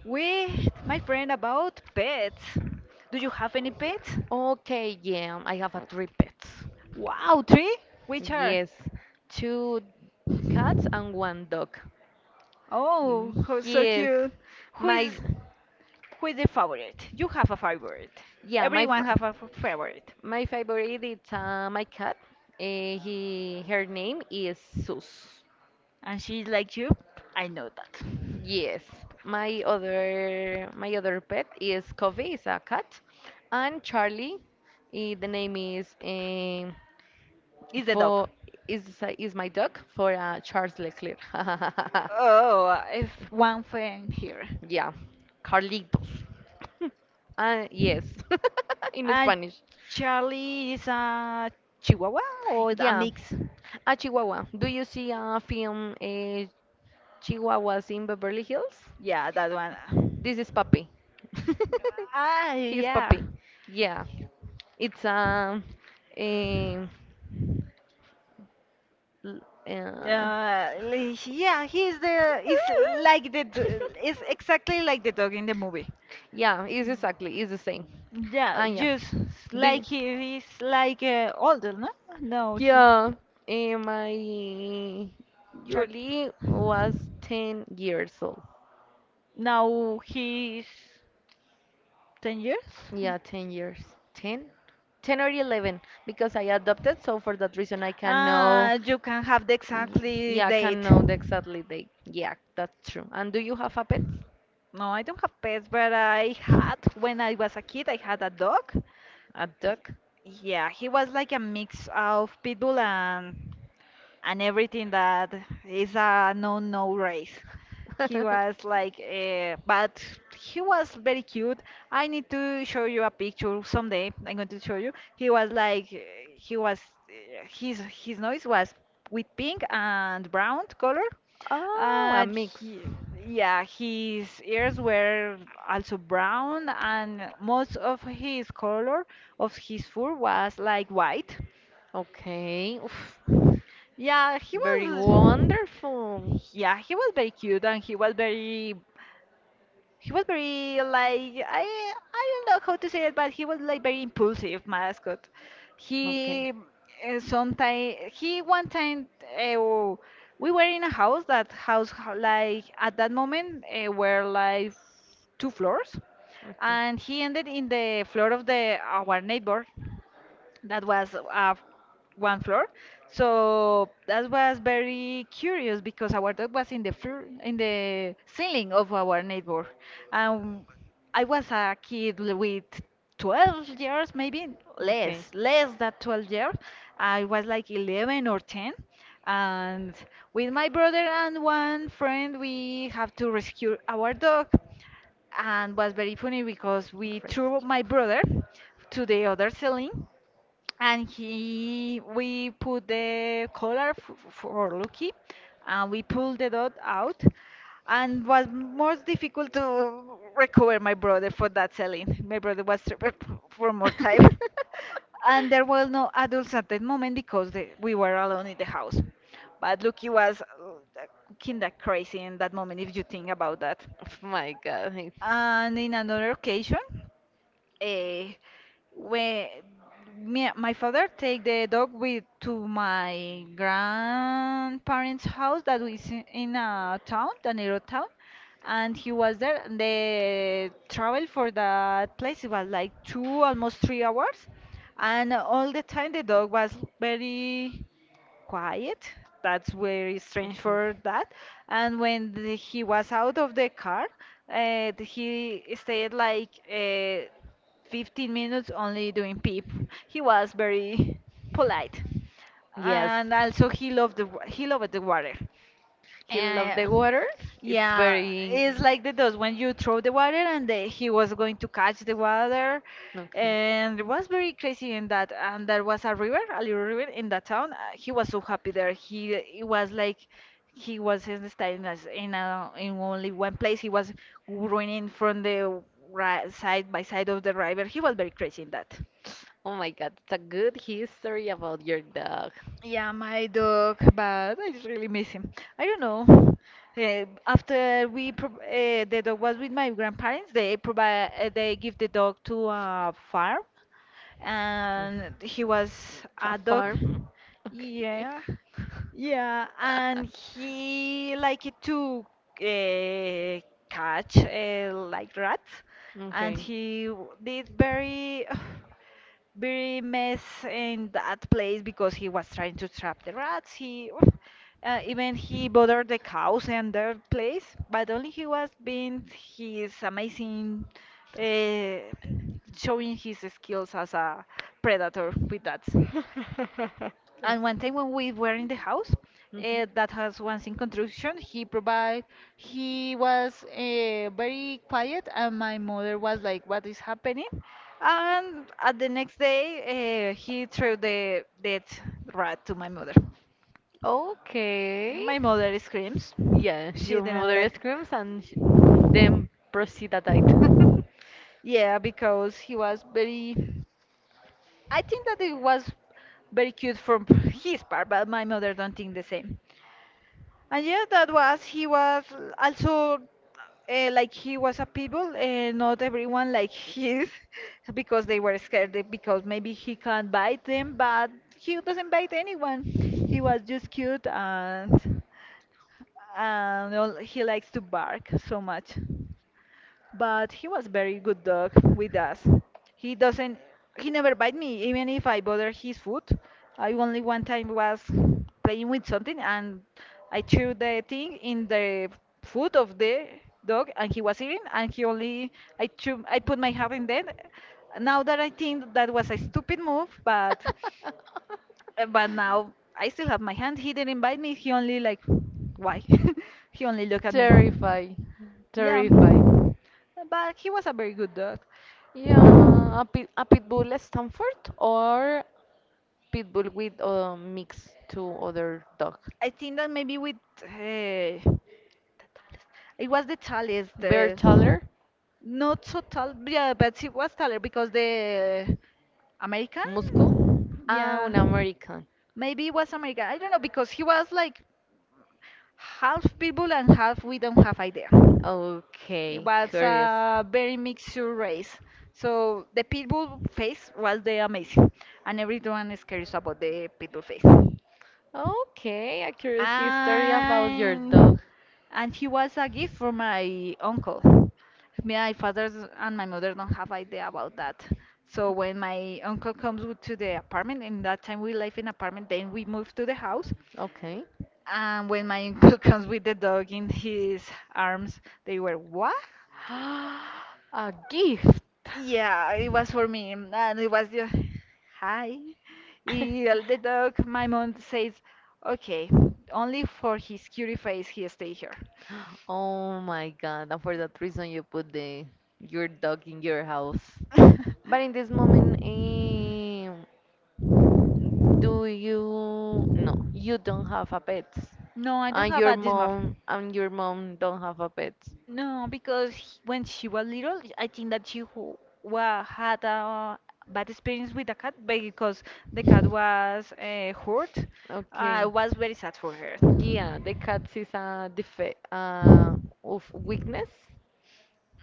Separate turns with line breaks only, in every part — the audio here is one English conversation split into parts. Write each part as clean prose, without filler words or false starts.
with my friend about pets. Do you have any pets?
Okay, yeah, I have a three pets.
Wow, three? Which are?
Yes, two cats and one dog.
Oh, how so
Yes,
cute. Who is
my
who is the favorite? You have a favorite.
yeah, my
Everyone
fa-
have a favorite,
my favorite is my cat. He Her name is Sus.
and she's like you. I know that.
Yes, my other pet is Coffee, is a cat, and Charlie. The name is
Is the dog.
for is is my dog for Charles Leclerc.
Oh, I've one friend here.
Yeah, Carlitos. Yes, in
Uh,
Spanish.
Charlie is a Chihuahua or a
Yeah,
mix?
a Chihuahua. Do you see a film, Chihuahuas in Beverly Hills?
Yeah, that one.
This is Papi.
Ah,
He's
yeah.
Papi. Yeah, it's a, l- uh,
Yeah, he's the. It's It's exactly like the dog in the movie.
yeah, it's exactly, it's the same. Ah,
Yeah,
yeah.
just
Do
like
you?
he is like older, no? No, he
Yeah, and my
you're
Charlie was 10 years old.
now he's 10 years.
Yeah, 10 years. 10? 10 or 11 because I adopted, so for that reason I can know.
Ah, you can have the
y-
exactly
Yeah, I can
date.
know the exactly date. Yeah, that's true. And do you have a pet?
No, I don't have pets, but I had when I was a kid. I had a dog.
A dog?
Yeah, he was like a mix of pitbull and everything that is a no-no race. He was like, but he was very cute. I need to show you a picture someday. I'm going to show you. He was like, he was, his nose was with pink and brown color,
Oh, a
and
mix.
he, yeah, his ears were also brown, and most of his color of his fur was like white.
Okay. Oof.
Yeah, he
Very
was.
wonderful.
Yeah, he was very cute and he was very like I don't know how to say it, but he was like very impulsive mascot.
Okay.
He sometime he one time we were in a house that house like at that moment were like two floors
Okay.
and he ended in the floor of the our neighbor that was one floor. So that was very curious because our dog was in the floor, in the ceiling of our neighbor. Um, I was a kid with 12 years, maybe
Okay.
less, less than 12 years. I was like 11 or 10. And with my brother and one friend, we have to rescue our dog. And was very funny because we
Crazy.
threw my brother to the other ceiling and he we put the collar for Lucky and we pulled the dot out and was most difficult to recover my brother for that selling my brother was trapped for more time and there were no adults at that moment because we were alone in the house but Lucky was kind of crazy in that moment if you think about that
Oh my God.
and in another occasion eh, when me, my father take the dog with to my grandparents' house that is in a town, a little town, and he was there. And The travel for that place it was like two, almost 3 hours, and all the time the dog was very quiet. That's very strange
Okay.
for that. And when he was out of the car, he stayed like 15 minutes only doing pee. He was very polite,
Yes.
and also he loved the he loved the water.
He loved the
And
water. It's
yeah,
very.
it's like the dust when you throw the water and he was going to catch the water.
Okay.
And it was very crazy in that. And there was a river, a little river in that town. He was so happy there. He it was like he was in the staying as in in only one place. He was running from the ri side by side of the river. He was very crazy in that.
Oh my God. It's a good history about your dog.
Yeah, my dog, but I just really miss him. I don't know. Eh, after we pro the dog was with my grandparents, they provide they give the dog to a farm, and
Mm.
he was
A
a dog.
farm. Okay.
Yeah, yeah, and he liked to uh, catch like rats, and
Okay.
he did very. very mess in that place because he was trying to trap the rats. He even he bothered the cows and their place, but only he was being his amazing, uh, showing his skills as a predator with that. And one time when we were in the house,
Mhm.
that has once in construction, he was very quiet, and my mother was like, "What is happening?" And at the next day, he threw the dead rat to my mother. And
Okay.
My mother screams.
Yeah,
She
your
didn't
mother
like.
screams and then proceed at it.
Yeah, because he was very. I think that it was very cute from his part, but my mother don't think the same. And yeah, that was he was also like he was a people, and not everyone like his because they were scared because maybe he can't bite them, but he doesn't bite anyone. He was just cute and he likes to bark so much but he was very good dog with us. He doesn't, he never bite me, even if I bother his food. I only one time was playing with something and I threw, the thing in the food of the dog and he was eating and he only, I put my hand in there. Now that I think that was a stupid move, but now I still have my hand. He didn't bite me. He only like, why? He only looked at me.
Terrify.
Yeah.
Terrify.
But he was a very good dog.
Yeah, a pit bull Stanford or pit bull with a mix to other dog.
I think that maybe with the tallest. It was the tallest.
Bear taller,
Not so tall. Yeah, but he was taller because the
muscle.
American.
Ah,
Yeah.
un American.
Maybe it was American. I don't know because he was like half people and half we don't have idea. It
Okay,
was
curious.
a very mixed race. So the pitbull face was the amazing, and everyone is curious about the pitbull face.
Okay, a curious history about your dog.
And and he was a gift from my uncle. My father and my mother don't have idea about that. So when my uncle comes to the apartment, in that time we live in apartment, then we moved to the house.
Okay.
And when my uncle comes with the dog in his arms, they were what?
A gift.
Yeah, it was for me, and it was just hi. The dog, my mom says, okay, only for his cutie face he stay here.
Oh my god, and for that reason you put the your dog in your house. But in this moment, do you no, you don't have a pet.
No, I don't
And
have a this
your mom don't have a pet.
No, because when she was little, I think that had a bad experience with the cat because the cat was hurt. I
Okay.
was very sad for her.
Yeah, the cat is a defect of weakness,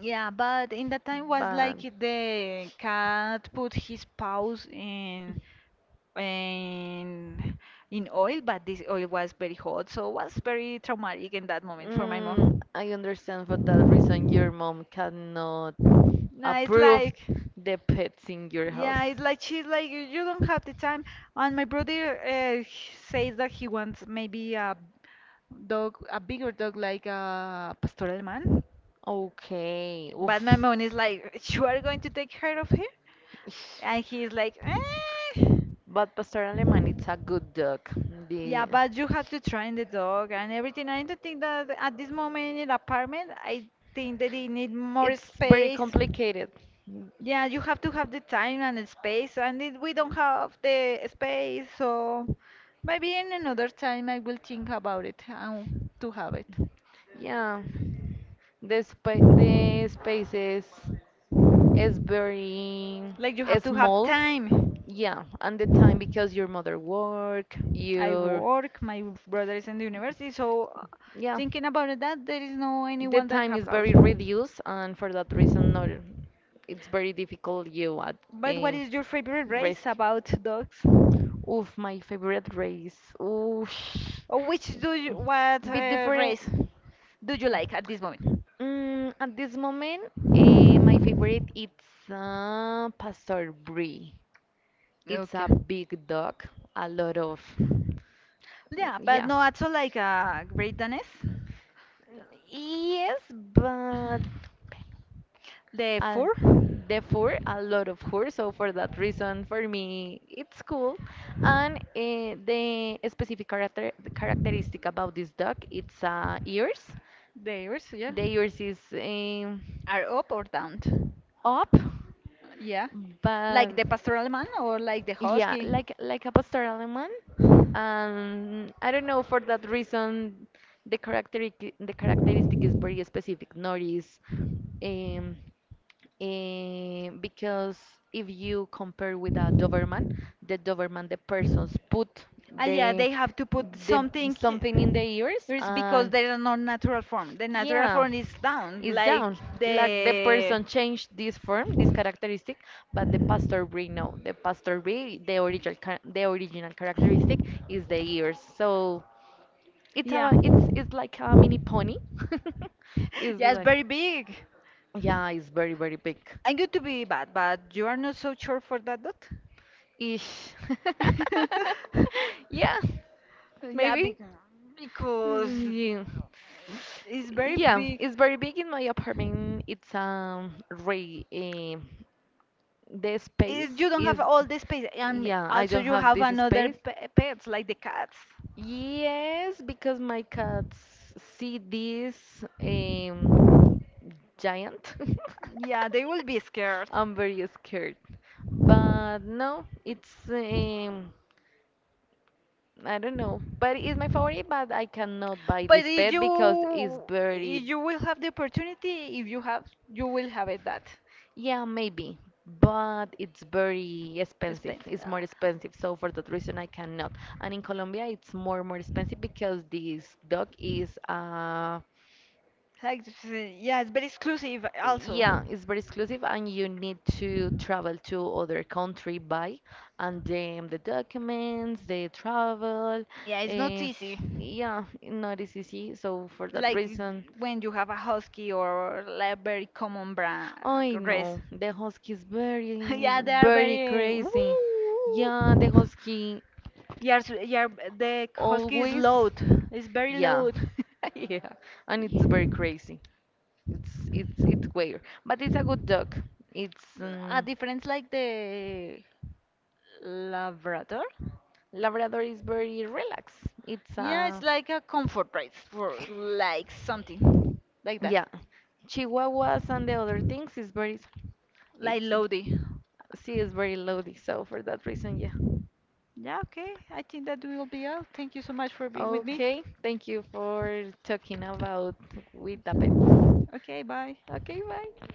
Yeah, but in that time was
but
like the cat put his paws in in oil, but this oil was very hot, so it was very traumatic in that moment for my
mm,
mom.
I understand for that reason your mom cannot
Nah, it's
approve
like
the pets in your house.
yeah, it's like she's like you don't have the time. And my brother he says that he wants maybe a dog, a bigger dog like a pastor alemán.
Okay.
But
Oof.
my mom is like, You are going to take care of her?
Ish.
And he's like, eh.
But Pastor Alemán, it's a good dog. The
Yeah, but you have to train the dog and everything. I don't think that at this moment in apartment, I think that they need more
it's very
space.
complicated. Mm,
Yeah, you have to have the time and the space, and we don't have the space, so maybe in another time I will think about it and to have it.
yeah, the spa the space is very. Like
Like you
you don't
have
have
to have
small time.
time.
Yeah, and the time because your mother work,
I
your
work, my brother is in the university, so
yeah,
thinking about that, there is no
the
anyone that
time
have
is
that.
very reduced, and for that reason, not it's very difficult you at. But
But what
a
is your favorite race
risk.
about dogs?
Oof, my favorite race. Oof.
Or which do you, what
Bit different.
race do you like at this moment?
Mm, at this moment, my favorite it's Pastor Brie. It's
Okay.
a big dog, a lot of
Yeah, but
yeah.
no, also like a Great Danes.
Yes, but uh,
The
the fur, a lot of fur. So for that reason, for me, it's cool. And the specific characteristic about this dog, it's ears.
ears, yeah,
The ears is
are up or down.
up,
Yeah.
but
Like the pastoral man or like the
yeah,
husky.
like a pastoral alemán. And I don't know for that reason, the characteristic is very specific. Nor is um, because if you compare with a Doberman, the persons put
Ah, yeah,
the
they have to put
the
something.
something in the ears
It's because
and
they are not natural form. The natural
yeah,
form is down,
it's
like
down. Like the
the.
person changed this form, this characteristic, but the pastor brie no. The pastor brie, the the original characteristic is the ears. So
Yeah.
it's it's like a mini pony. It's
Yeah, it's
like
very big.
yeah, it's very big.
I'm going to be bad, but you are not so sure for that dot?
Ish. Yeah,
Yeah,
maybe.
because
Mm, yeah.
it's very
Yeah,
big.
it's very big in my apartment. It's re eh, the
It,
space
you don't have
is
all the space, and
yeah, I
also
don't
you
have
have
this
another
space.
pets like the cats.
Yes, because my cats see this um giant.
Yeah, they will be scared.
I'm very scared. But no, it's I don't know, but it's my favorite. But I cannot buy
But
this
if
pet because it's
you
very,
will have the opportunity, if you have, you will have it that
yeah, maybe, but it's very expensive.
expensive.
It's more expensive, so for that reason I cannot. And in Colombia, it's more expensive because this dog is
Like, this is- yeah, it's very exclusive also.
yeah, it's very exclusive, and you need to travel to other country by, and then the documents, the travel,
Yeah, it's not
uh,
easy.
yeah, not as easy. So for that
Like
reason,
when you have a husky or like a very common brand
I
race.
know the husky is very,
yeah, they are
very
very.
crazy. Yeah, the
Woo!
husky
Yeah, yeah, the husky is
always.
loud. It's very
Yeah,
loud.
yeah, and it's very crazy. It's weird, but it's a good dog. It's
A difference like the Labrador.
Labrador is very relaxed. It's
Yeah,
a
it's like a comfort race for like something like that,
yeah. Chihuahuas and the other things is very
like
it's
loady.
she is very loady, so for that reason, yeah.
Yeah, okay. I think that will be all. Thank you so much for being with me.
Okay, thank you for talking about with the pet.
Okay, bye.
Okay, bye.